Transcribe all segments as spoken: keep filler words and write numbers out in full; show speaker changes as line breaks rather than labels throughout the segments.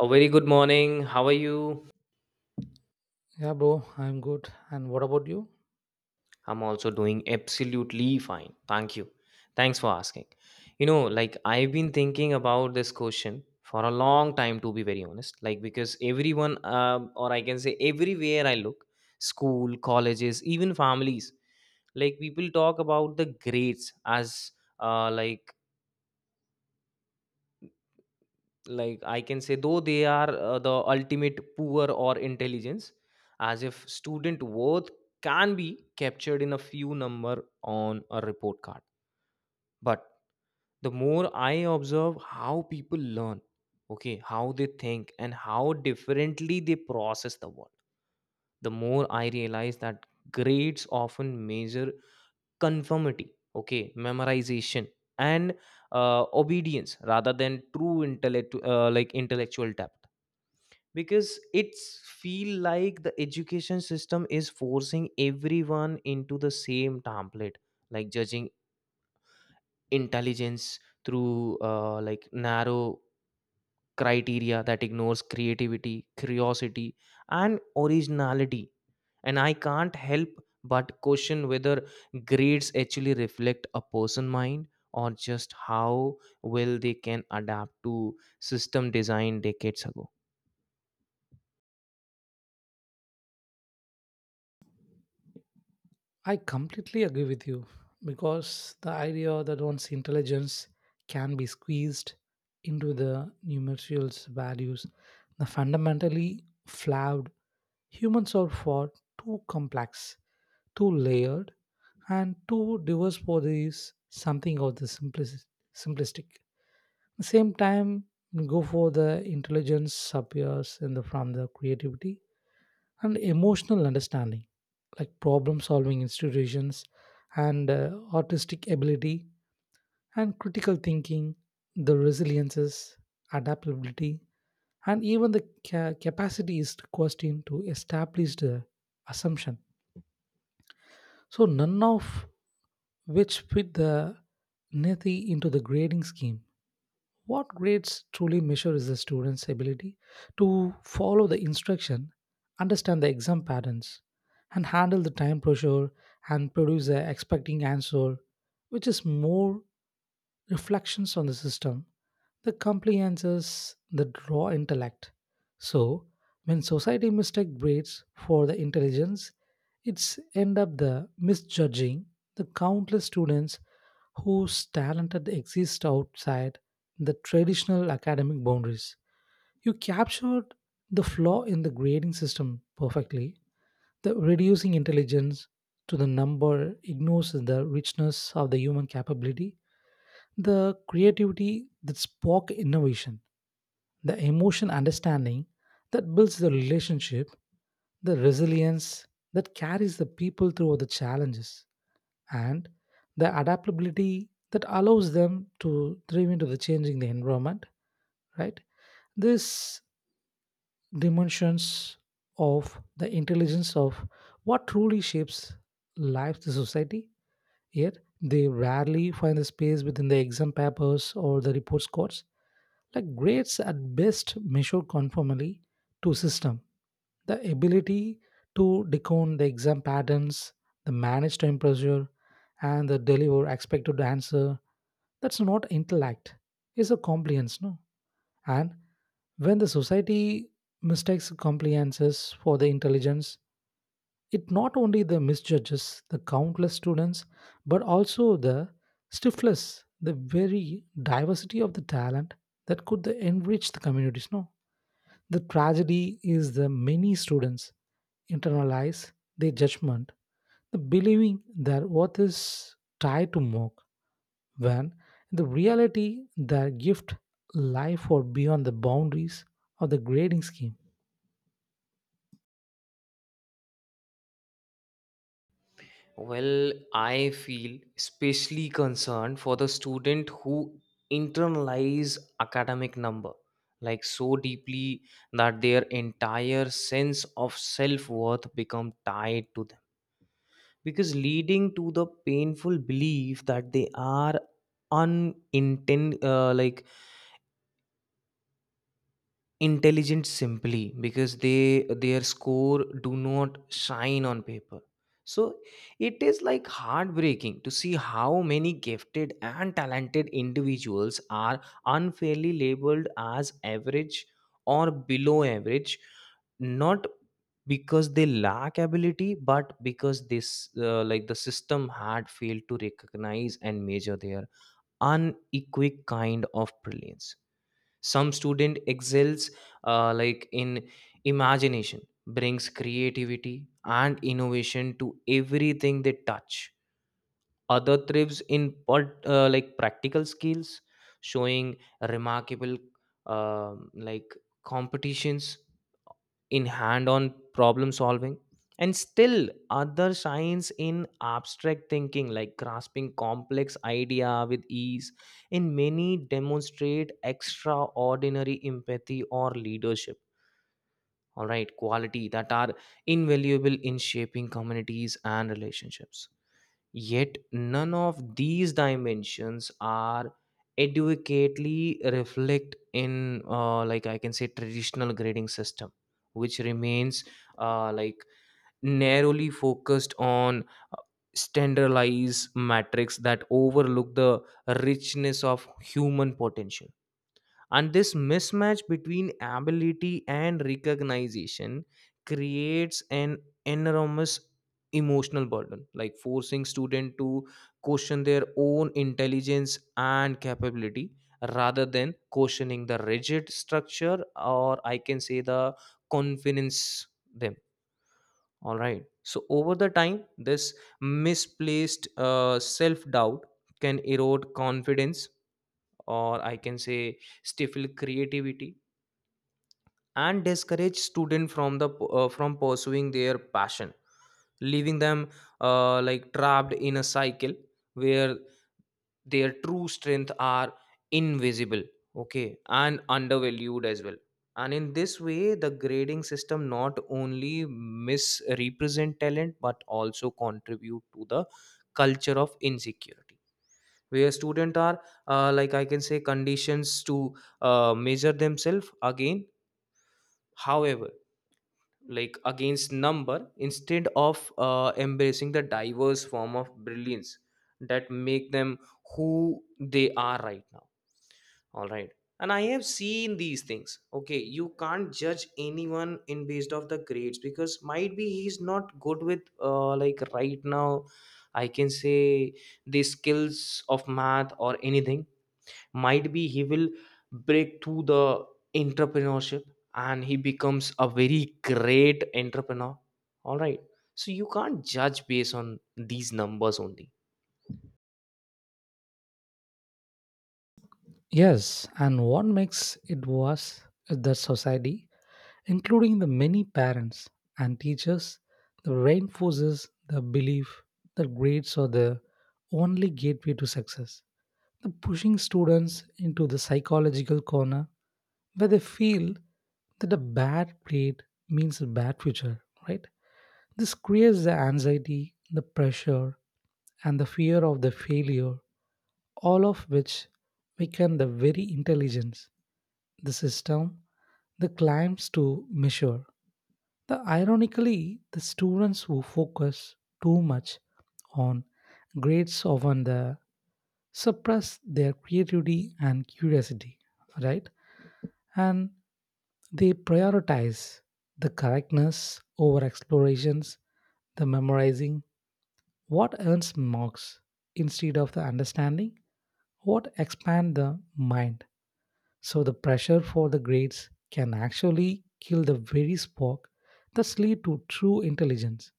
A very good morning. How are you?
Yeah, bro, I'm good. And what about you?
I'm also doing absolutely fine. Thank you. Thanks for asking. You know, like I've been thinking about this question for a long time, to be very honest. Like, because everyone, um, or I can say, everywhere I look, school, colleges, even families, like people talk about the grades as uh, like like I can say, though they are uh, the ultimate poor or intelligence, as if student worth can be captured in a few number on a report card. But the more I observe how people learn, okay, how they think and how differently they process the world, the more I realize that grades often measure conformity, okay, memorization, and uh, obedience rather than true intellect, uh, like intellectual depth. Because it's feel like the education system is forcing everyone into the same template, like judging intelligence through uh, like narrow criteria that ignores creativity, curiosity, and originality. And I can't help but question whether grades actually reflect a person mind, or just how well they can adapt to system design decades ago.
I completely agree with you, because the idea that one's intelligence can be squeezed into the numerical values, the fundamentally flawed humans are far too complex, too layered, and too diverse for this something of the simplis- simplistic. At the same time, go for the intelligence appears in the from the creativity and emotional understanding, like problem solving institutions and uh, artistic ability and critical thinking, the resiliences, adaptability, and even the ca- capacity is questioned to establish the assumption, so none of which fit the Nethi into the grading scheme. What grades truly measure is the student's ability to follow the instruction, understand the exam patterns, and handle the time pressure and produce the expecting answer, which is more reflections on the system, the compliances, the raw intellect. So, when society mistake grades for the intelligence, it's end up the misjudging the countless students whose talented exist outside the traditional academic boundaries. You captured the flaw in the grading system perfectly. The reducing intelligence to the number ignores the richness of the human capability, the creativity that spark innovation, the emotion understanding that builds the relationship, the resilience that carries the people through the challenges, and the adaptability that allows them to thrive into the changing the environment, right? These dimensions of the intelligence of what truly shapes life the society, yet they rarely find the space within the exam papers or the report cards. Like, grades at best measure conformity to system, the ability to decode the exam patterns, the manage time pressure, and the deliver expected answer. That's not intellect. It's a compliance, no? And when the society mistakes compliances for the intelligence, it not only the misjudges, the countless students, but also the stiflers, the very diversity of the talent that could enrich the communities. No, the tragedy is the many students internalize their judgment, the believing their worth is tied to mock, when in the reality their gift lie far beyond the boundaries of the grading scheme.
Well, I feel especially concerned for the student who internalize academic number like so deeply that their entire sense of self-worth become tied to them, because leading to the painful belief that they are uninten uh, like intelligent simply because they their score do not shine on paper. So it is like heartbreaking to see how many gifted and talented individuals are unfairly labeled as average or below average, not because they lack ability but because this uh, like the system had failed to recognize and measure their unequivocal kind of brilliance. Some student excels uh, like in imagination, brings creativity and innovation to everything they touch. Other thrives in part, uh, like practical skills, showing remarkable um like competitions in hand-on problem solving, and still other shines in abstract thinking, like grasping complex idea with ease. And many demonstrate extraordinary empathy or leadership, all right, quality that are invaluable in shaping communities and relationships. Yet none of these dimensions are adequately reflect in uh, like I can say, traditional grading system, which remains uh, like narrowly focused on uh, standardized metrics that overlook the richness of human potential. And this mismatch between ability and recognition creates an enormous emotional burden, like forcing student to question their own intelligence and capability rather than questioning the rigid structure, or I can say the confidence them. All right, so over the time this misplaced uh, self doubt can erode confidence, or I can say stifle creativity and discourage students from the uh, from pursuing their passion, leaving them uh, like trapped in a cycle where their true strength are invisible, okay, and undervalued as well. And in this way the grading system not only misrepresent talent but also contribute to the culture of insecurity, where students are uh, like I can say, conditions to uh, measure themselves again, however, like, against number instead of uh, embracing the diverse form of brilliance that make them who they are right now. All right, and I have seen these things, okay, you can't judge anyone in based off the grades, because might be he's not good with uh, like right now, I can say, the skills of math or anything. Might be he will break through the entrepreneurship and he becomes a very great entrepreneur. All right, so you can't judge based on these numbers only.
Yes, and what makes it worse is that society, including the many parents and teachers, that reinforces the belief that grades are the only gateway to success. The pushing students into the psychological corner where they feel that a bad grade means a bad future, right? This creates the anxiety, the pressure, and the fear of the failure, all of which weaken the very intelligence the system the climbs to measure. The ironically, the students who focus too much on grades often the suppress their creativity and curiosity, right? And they prioritize the correctness over explorations, the memorizing, what earns marks instead of the understanding, what expand the mind. So the pressure for the grades can actually kill the very spark that lead to true intelligence.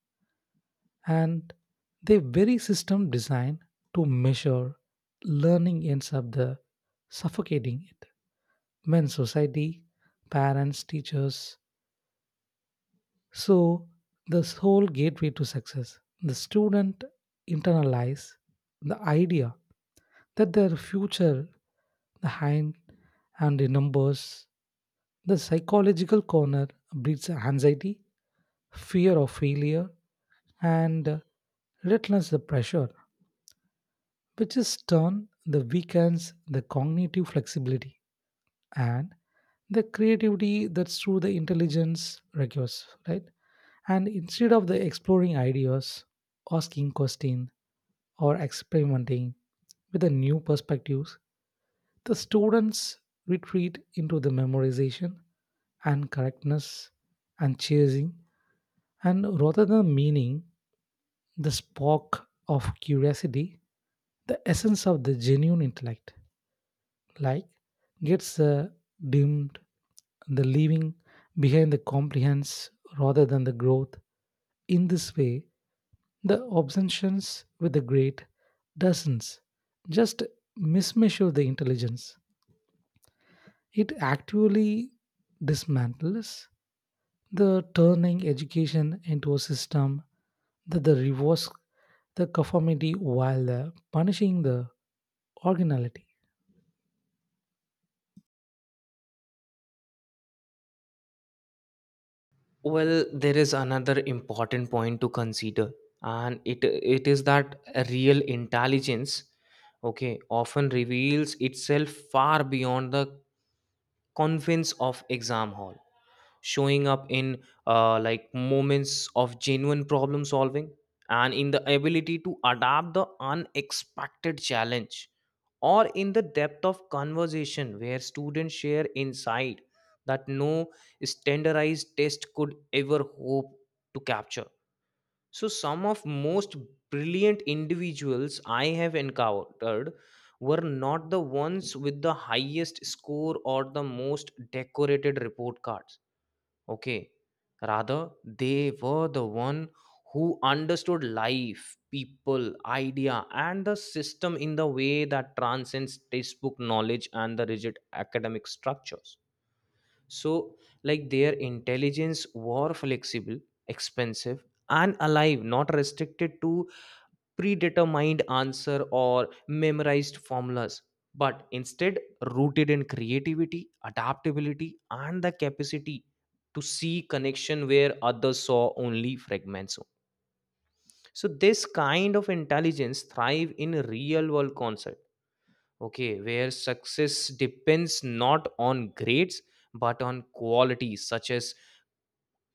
And the very system designed to measure learning ends up the suffocating it. When society, parents, teachers, so this whole gateway to success, the student internalize the idea that their future, the hind, and the numbers, the psychological corner, breeds anxiety, fear of failure, and uh, relentless the pressure, which is turn the weekends the cognitive flexibility and the creativity that's through the intelligence requires, right? And instead of the exploring ideas, asking question, or experimenting with the new perspectives, the students retreat into the memorization and correctness and chasing and rather than meaning, the spark of curiosity, the essence of the genuine intellect, like, gets uh, dimmed, the leaving behind the compliance rather than the growth. In this way, the obsessions with the great doesn't just mismeasure the intelligence, it actually dismantles, the turning education into a system that the rewards the conformity while uh, punishing the originality.
Well, there is another important point to consider, and it it is that real intelligence, okay, often reveals itself far beyond the convince of exam hall, showing up in uh, like moments of genuine problem solving, and in the ability to adapt the unexpected challenge, or in the depth of conversation where students share insight that no standardized test could ever hope to capture. So, some of most brilliant individuals I have encountered were not the ones with the highest score or the most decorated report cards. Okay. Rather, they were the one who understood life, people, idea, and the system in the way that transcends textbook knowledge and the rigid academic structures. So, like their intelligence were flexible, expensive, and alive, not restricted to predetermined answer or memorized formulas, but instead rooted in creativity, adaptability, and the capacity to see connection where others saw only fragments. So this kind of intelligence thrive in real world concept. Okay, where success depends not on grades but on qualities such as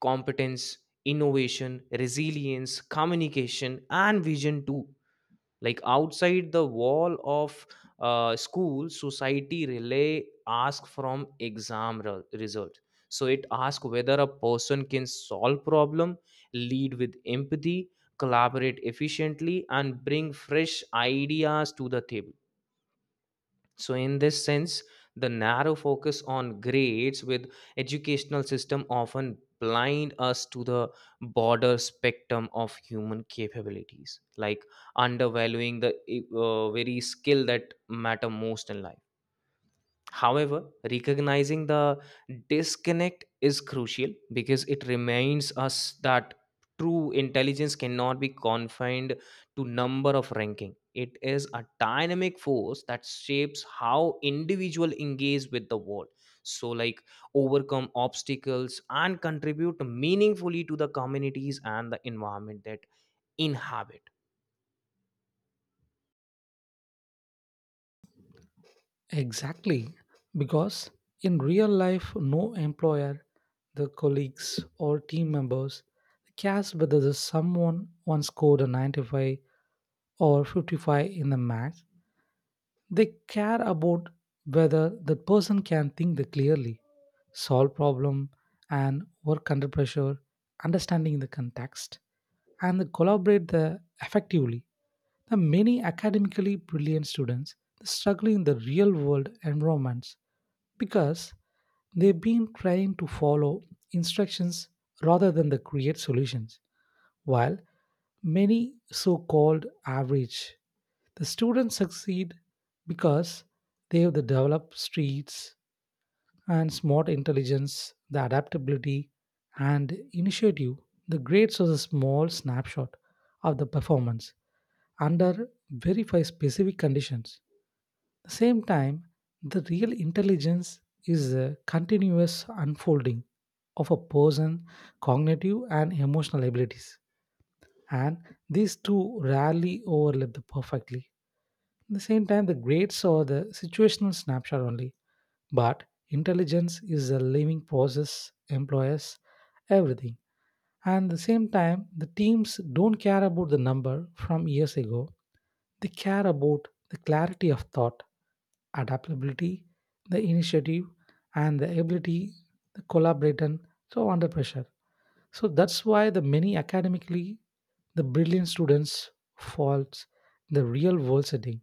competence, innovation, resilience, communication, and vision too. Like outside the wall of uh, school, society relay ask from exam re- result. So it asks whether a person can solve problem, lead with empathy, collaborate efficiently, and bring fresh ideas to the table. So in this sense, the narrow focus on grades with educational system often blind us to the broader spectrum of human capabilities, like undervaluing the eh, uh, very skill that matter most in life. However, recognizing the disconnect is crucial because it reminds us that true intelligence cannot be confined to number of ranking. It is a dynamic force that shapes how individual engage with the world. So, like, overcome obstacles and contribute meaningfully to the communities and the environment that inhabit.
Exactly, because in real life, no employer, the colleagues or team members cares whether the someone once scored a ninety-five or fifty-five in the math. They care about whether the person can think the clearly, solve problem, and work under pressure, understanding the context, and they collaborate the effectively. The many academically brilliant students struggle in the real world environments because they've been trying to follow instructions rather than the create solutions. While many so called average, the students succeed because they have the developed streets and smart intelligence, the adaptability and initiative. The grades are a small snapshot of the performance under very five specific conditions the same time, the real intelligence is a continuous unfolding of a person's cognitive and emotional abilities. And these two rarely overlap the perfectly. At the same time, the grades are the situational snapshot only. But intelligence is a living process, employs everything. And at the same time, the teams don't care about the number from years ago. They care about the clarity of thought, adaptability, the initiative, and the ability to collaborate and throw under pressure. So that's why the many academically the brilliant students falls in the real world setting.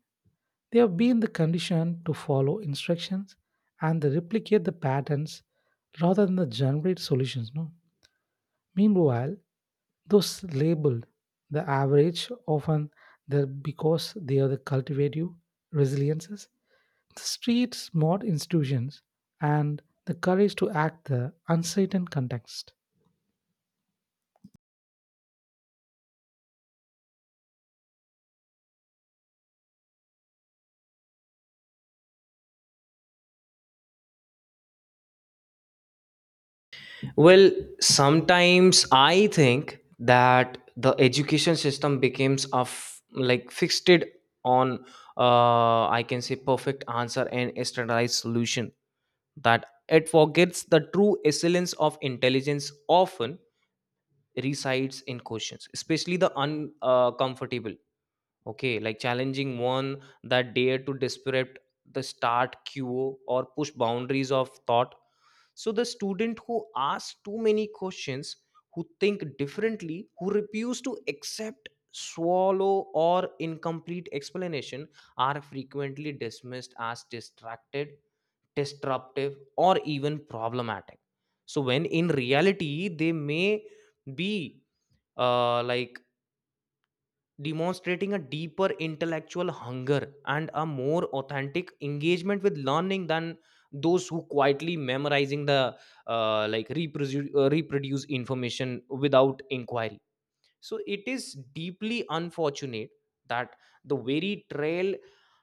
They have been the condition to follow instructions and they replicate the patterns rather than the generate solutions. No. Meanwhile, those labeled the average often they're because they are the cultivative resiliences, the street smart institutions, and the courage to act the uncertain context.
Well, sometimes I think that the education system becomes of like fixed on uh, I can say perfect answer and a standardized solution, that it forgets the true excellence of intelligence often resides in questions, especially the uncomfortable. Okay, like challenging one that dare to disrupt the start queue or push boundaries of thought. So the student who asks too many questions, who think differently, who refuse to accept, swallow, or incomplete explanation are frequently dismissed as distracted, disruptive, or even problematic. So when in reality they may be uh, like demonstrating a deeper intellectual hunger and a more authentic engagement with learning than those who quietly memorizing the uh, like reproduce, uh, reproduce information without inquiry. So it is deeply unfortunate that the very trail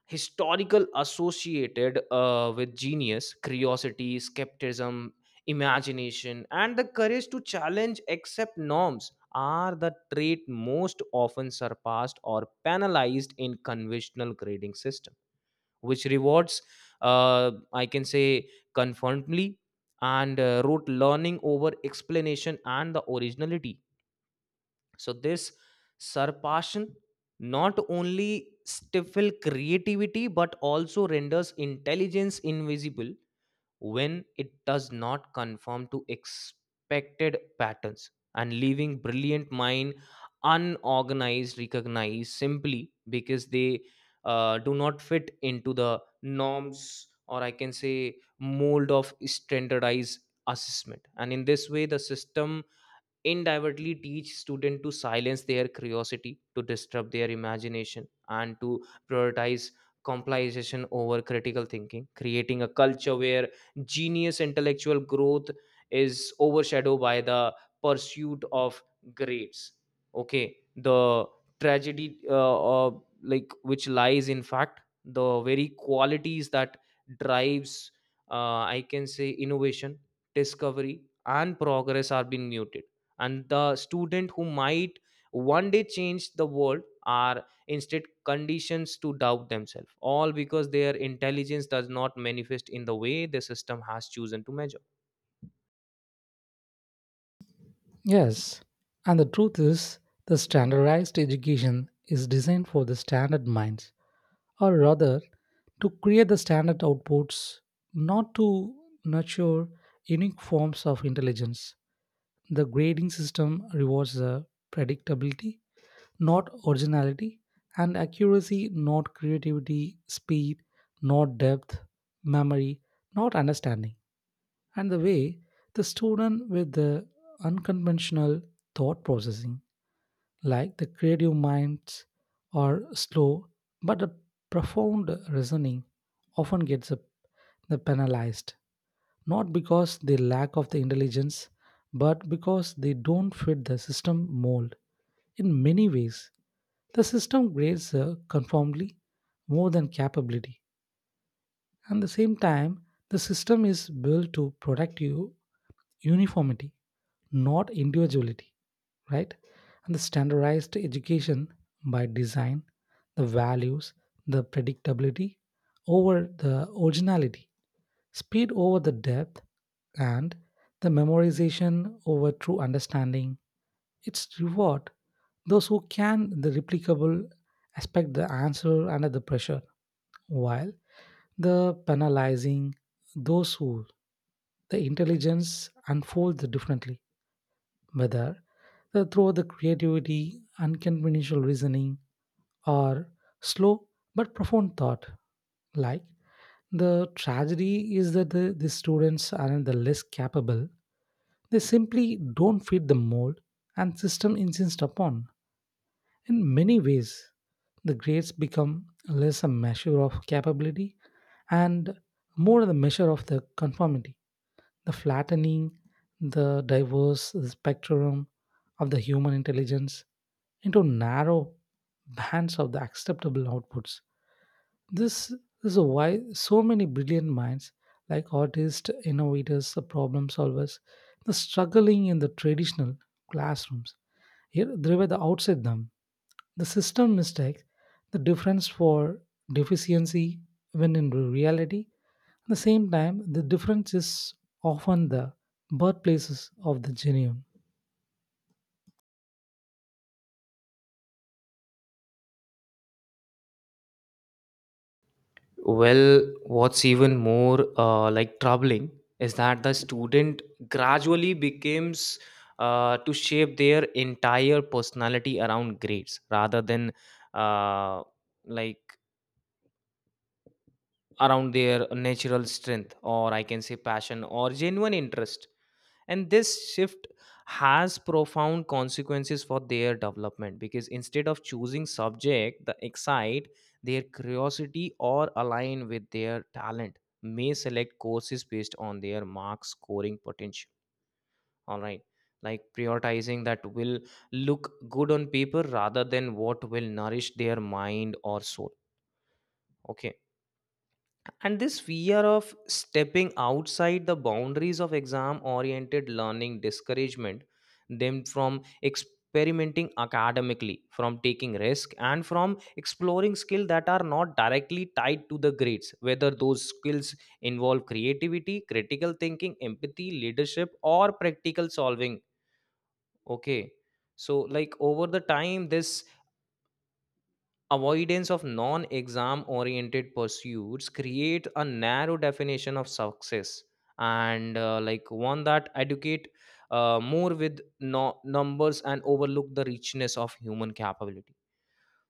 historical associated uh, with genius, curiosity, skepticism, imagination, and the courage to challenge accept norms are the trait most often surpassed or penalized in conventional grading system, which rewards, uh, I can say, conformity and uh, rote learning over explanation and the originality. So this surpassion not only stifle creativity but also renders intelligence invisible when it does not conform to expected patterns, and leaving brilliant mind unorganized recognized simply because they uh, do not fit into the norms, or I can say mold of standardized assessment. And in this way the system indirectly teach students to silence their curiosity, to disturb their imagination, and to prioritize compilation over critical thinking, creating a culture where genius intellectual growth is overshadowed by the pursuit of grades. Okay, the tragedy uh, uh, like which lies in fact the very qualities that drives uh, I can say, innovation, discovery, and progress are being muted, and the student who might one day change the world are instead conditions to doubt themselves, all because their intelligence does not manifest in the way the system has chosen to measure.
Yes, and the truth is, the standardized education is designed for the standard minds, or rather, to create the standard outputs, not to nurture unique forms of intelligence. The grading system rewards the predictability, not originality, and accuracy, not creativity, speed, not depth, memory, not understanding, and the way the student with the unconventional thought processing, like the creative minds, are slow but the profound reasoning often gets uh, the penalized, not because they lack of the intelligence but because they don't fit the system mold. In many ways, the system grades uh, conformably more than capability, and the same time the system is built to protect you uniformity, not individuality, right? And the standardized education, by design, the values the predictability over the originality. Speed over the depth and the memorization over true understanding. It's reward those who can the replicable expect the answer under the pressure, while the penalizing those who the intelligence unfolds differently, whether the, through the creativity, unconventional reasoning, or slow but profound thought, like, the tragedy is that the, the students aren't the less capable. They simply don't fit the mold and system insists upon. In many ways, the grades become less a measure of capability and more the measure of the conformity, the flattening, the diverse spectrum of the human intelligence into narrow bands of the acceptable outputs. This is why so many brilliant minds, like artists, innovators, the problem solvers, the struggling in the traditional classrooms. Here, they were the outside them. The system mistakes the difference for deficiency, when in reality, at the same time, the difference is often the birthplaces of the genius.
Well, what's even more uh, like troubling is that the student gradually becomes uh, to shape their entire personality around grades rather than uh, like around their natural strength, or I can say passion or genuine interest. And this shift has profound consequences for their development, because instead of choosing subject that excite their curiosity or align with their talent, may select courses based on their mark scoring potential. All right, like prioritizing that will look good on paper rather than what will nourish their mind or soul. Okay, and this fear of stepping outside the boundaries of exam oriented learning discouragement them from experimenting academically, from taking risk and from exploring skills that are not directly tied to the grades, whether those skills involve creativity, critical thinking, empathy, leadership, or practical solving. Okay. So like over the time this avoidance of non-exam oriented pursuits create a narrow definition of success, and uh, like one that educate uh, more with no- numbers and overlook the richness of human capability.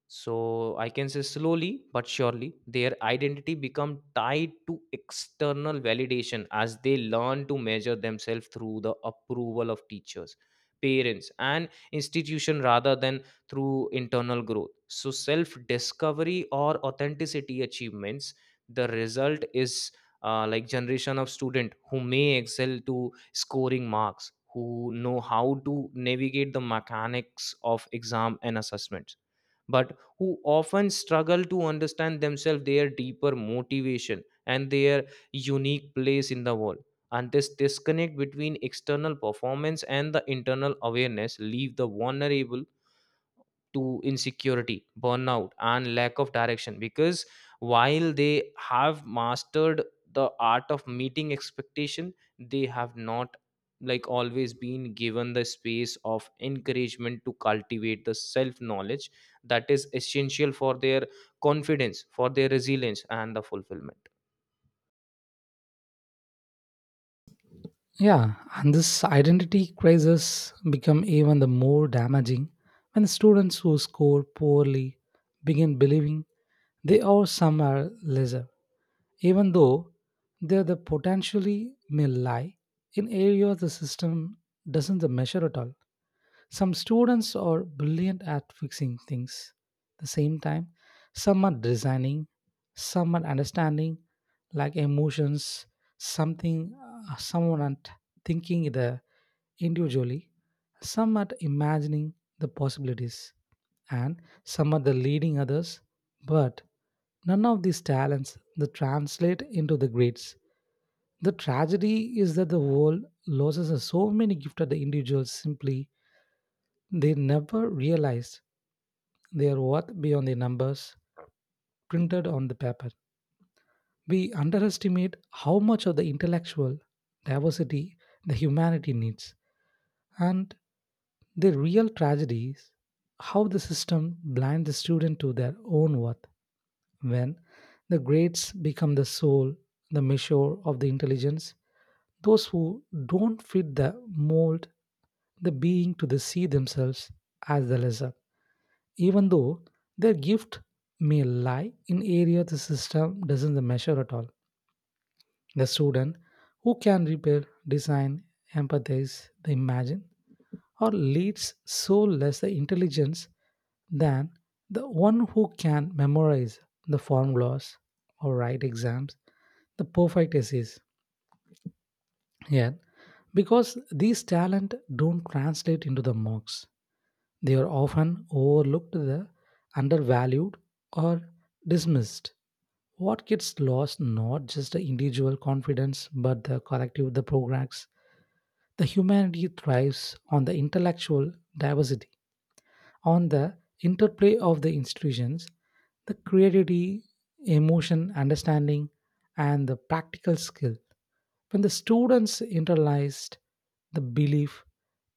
So I can say slowly but surely their identity become tied to external validation, as they learn to measure themselves through the approval of teachers, parents, and institution rather than through internal growth, so self discovery or authenticity achievements. The result is uh, like generation of student who may excel to scoring marks, who know how to navigate the mechanics of exam and assessments, but who often struggle to understand themselves, their deeper motivation, and their unique place in the world. And this disconnect between external performance and the internal awareness leave the vulnerable to insecurity, burnout, and lack of direction. Because while they have mastered the art of meeting expectation, they have not like always been given the space of encouragement to cultivate the self knowledge that is essential for their confidence, for their resilience and the fulfillment.
Yeah, and this identity crisis become even the more damaging when students who score poorly begin believing they are somewhere lesser, even though they are the potentially may lie in areas the system doesn't measure at all. Some students are brilliant at fixing things. At the same time, some are designing, some are understanding, like emotions, something, uh, someone and thinking the individually, some at imagining the possibilities, and some at the leading others. But none of these talents that translate into the grades. The tragedy is that the world loses so many gifted individuals simply they never realized their worth beyond the numbers printed on the paper. We underestimate how much of the intellectual diversity the humanity needs. And the real tragedy is how the system blinds the student to their own worth when the grades become the soul, the measure of the intelligence. Those who don't fit the mold, the being to the see themselves as the lesser, even though their gift may lie in area the system doesn't measure at all. The student who can repair, design, empathize, the imagine, or leads so less the intelligence than the one who can memorize the formulas or write exams, the perfect essays. Yet, because these talent don't translate into the marks, they are often overlooked, the undervalued, or dismissed. What gets lost not just the individual confidence but the collective the progress. The humanity thrives on the intellectual diversity, on the interplay of the institutions, the creativity, emotion, understanding, and the practical skill. When the students internalized the belief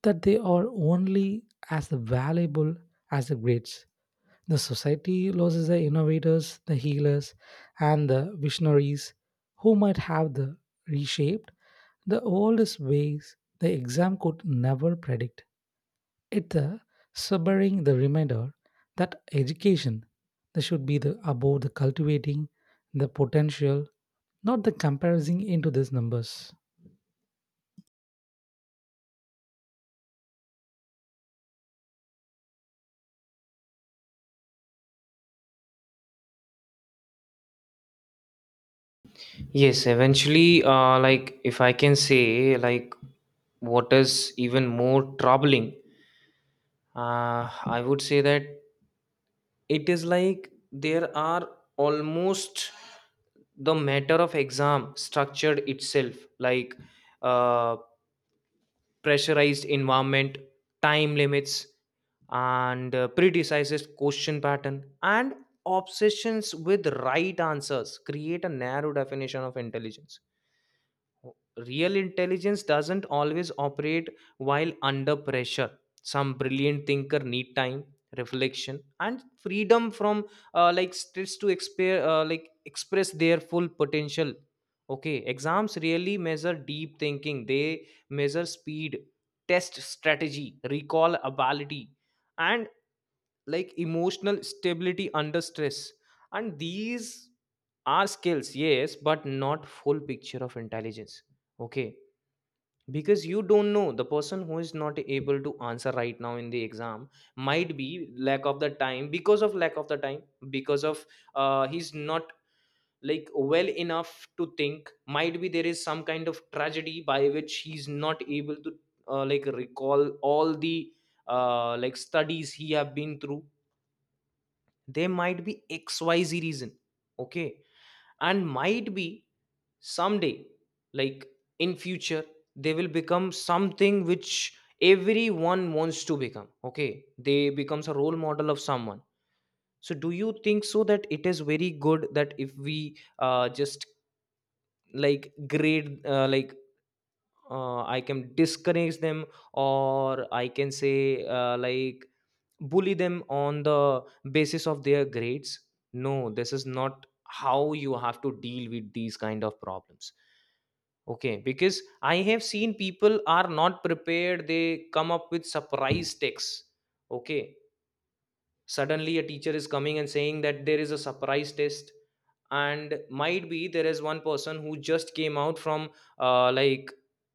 that they are only as valuable as the grades, the society loses the innovators, the healers, and the visionaries who might have the reshaped the oldest ways the exam could never predict. It's a sobering the reminder that education that should be the about the cultivating the potential, not the comparison into these numbers.
Yes, eventually, uh, like if I can say like, what is even more troubling, uh, I would say that it is like there are almost the matter of exam structured itself like uh, pressurized environment, time limits, and uh, predecises question pattern and obsessions with right answers create a narrow definition of intelligence. Real intelligence doesn't always operate while under pressure. Some brilliant thinker need time, reflection, and freedom from uh, like stress to exp- uh, like express their full potential. Okay, exams really measure deep thinking. They measure speed, test strategy, recall ability, and like emotional stability under stress. And these are skills, yes, but not full picture of intelligence. Okay, because you don't know, the person who is not able to answer right now in the exam might be lack of the time, because of lack of the time, because of uh, he's not like well enough to think, might be there is some kind of tragedy by which he's not able to uh, like recall all the uh, like studies he have been through. There might be xyz reason. Okay, and might be someday, like in future, they will become something which everyone wants to become, okay, they becomes a role model of someone. So do you think so that it is very good that if we uh, just like grade uh, like uh, I can discourage them, or I can say uh, like bully them on the basis of their grades? No, this is not how you have to deal with these kind of problems. Okay, because I have seen people are not prepared. They come up with surprise texts. Okay, suddenly a teacher is coming and saying that there is a surprise test, and might be there is one person who just came out from uh, like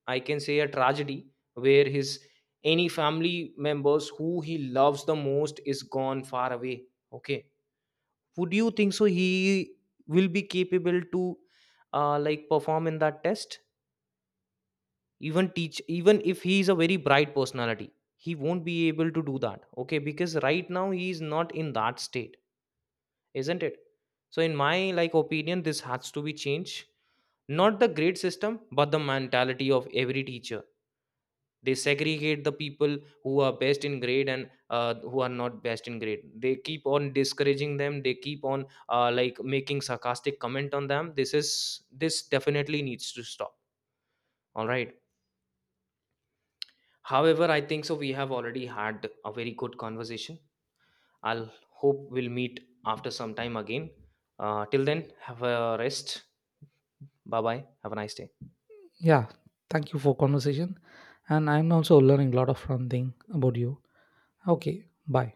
I can say a tragedy where his any family members who he loves the most is gone far away. Okay, would you think so he will be capable to uh, like perform in that test? Even teach even if he is a very bright personality, he won't be able to do that, okay, because right now he is not in that state, isn't it? So in my like opinion, this has to be changed, not the grade system but the mentality of every teacher. They segregate the people who are best in grade and uh, who are not best in grade, they keep on discouraging them, they keep on uh, like making sarcastic comment on them. This is, this definitely needs to stop. All right, however, I think so we have already had a very good conversation. I'll hope we'll meet after some time again. Uh, till then, have a rest. Bye bye. Have a nice day.
Yeah, thank you for conversation, and I'm also learning a lot of fun thing about you. Okay, bye.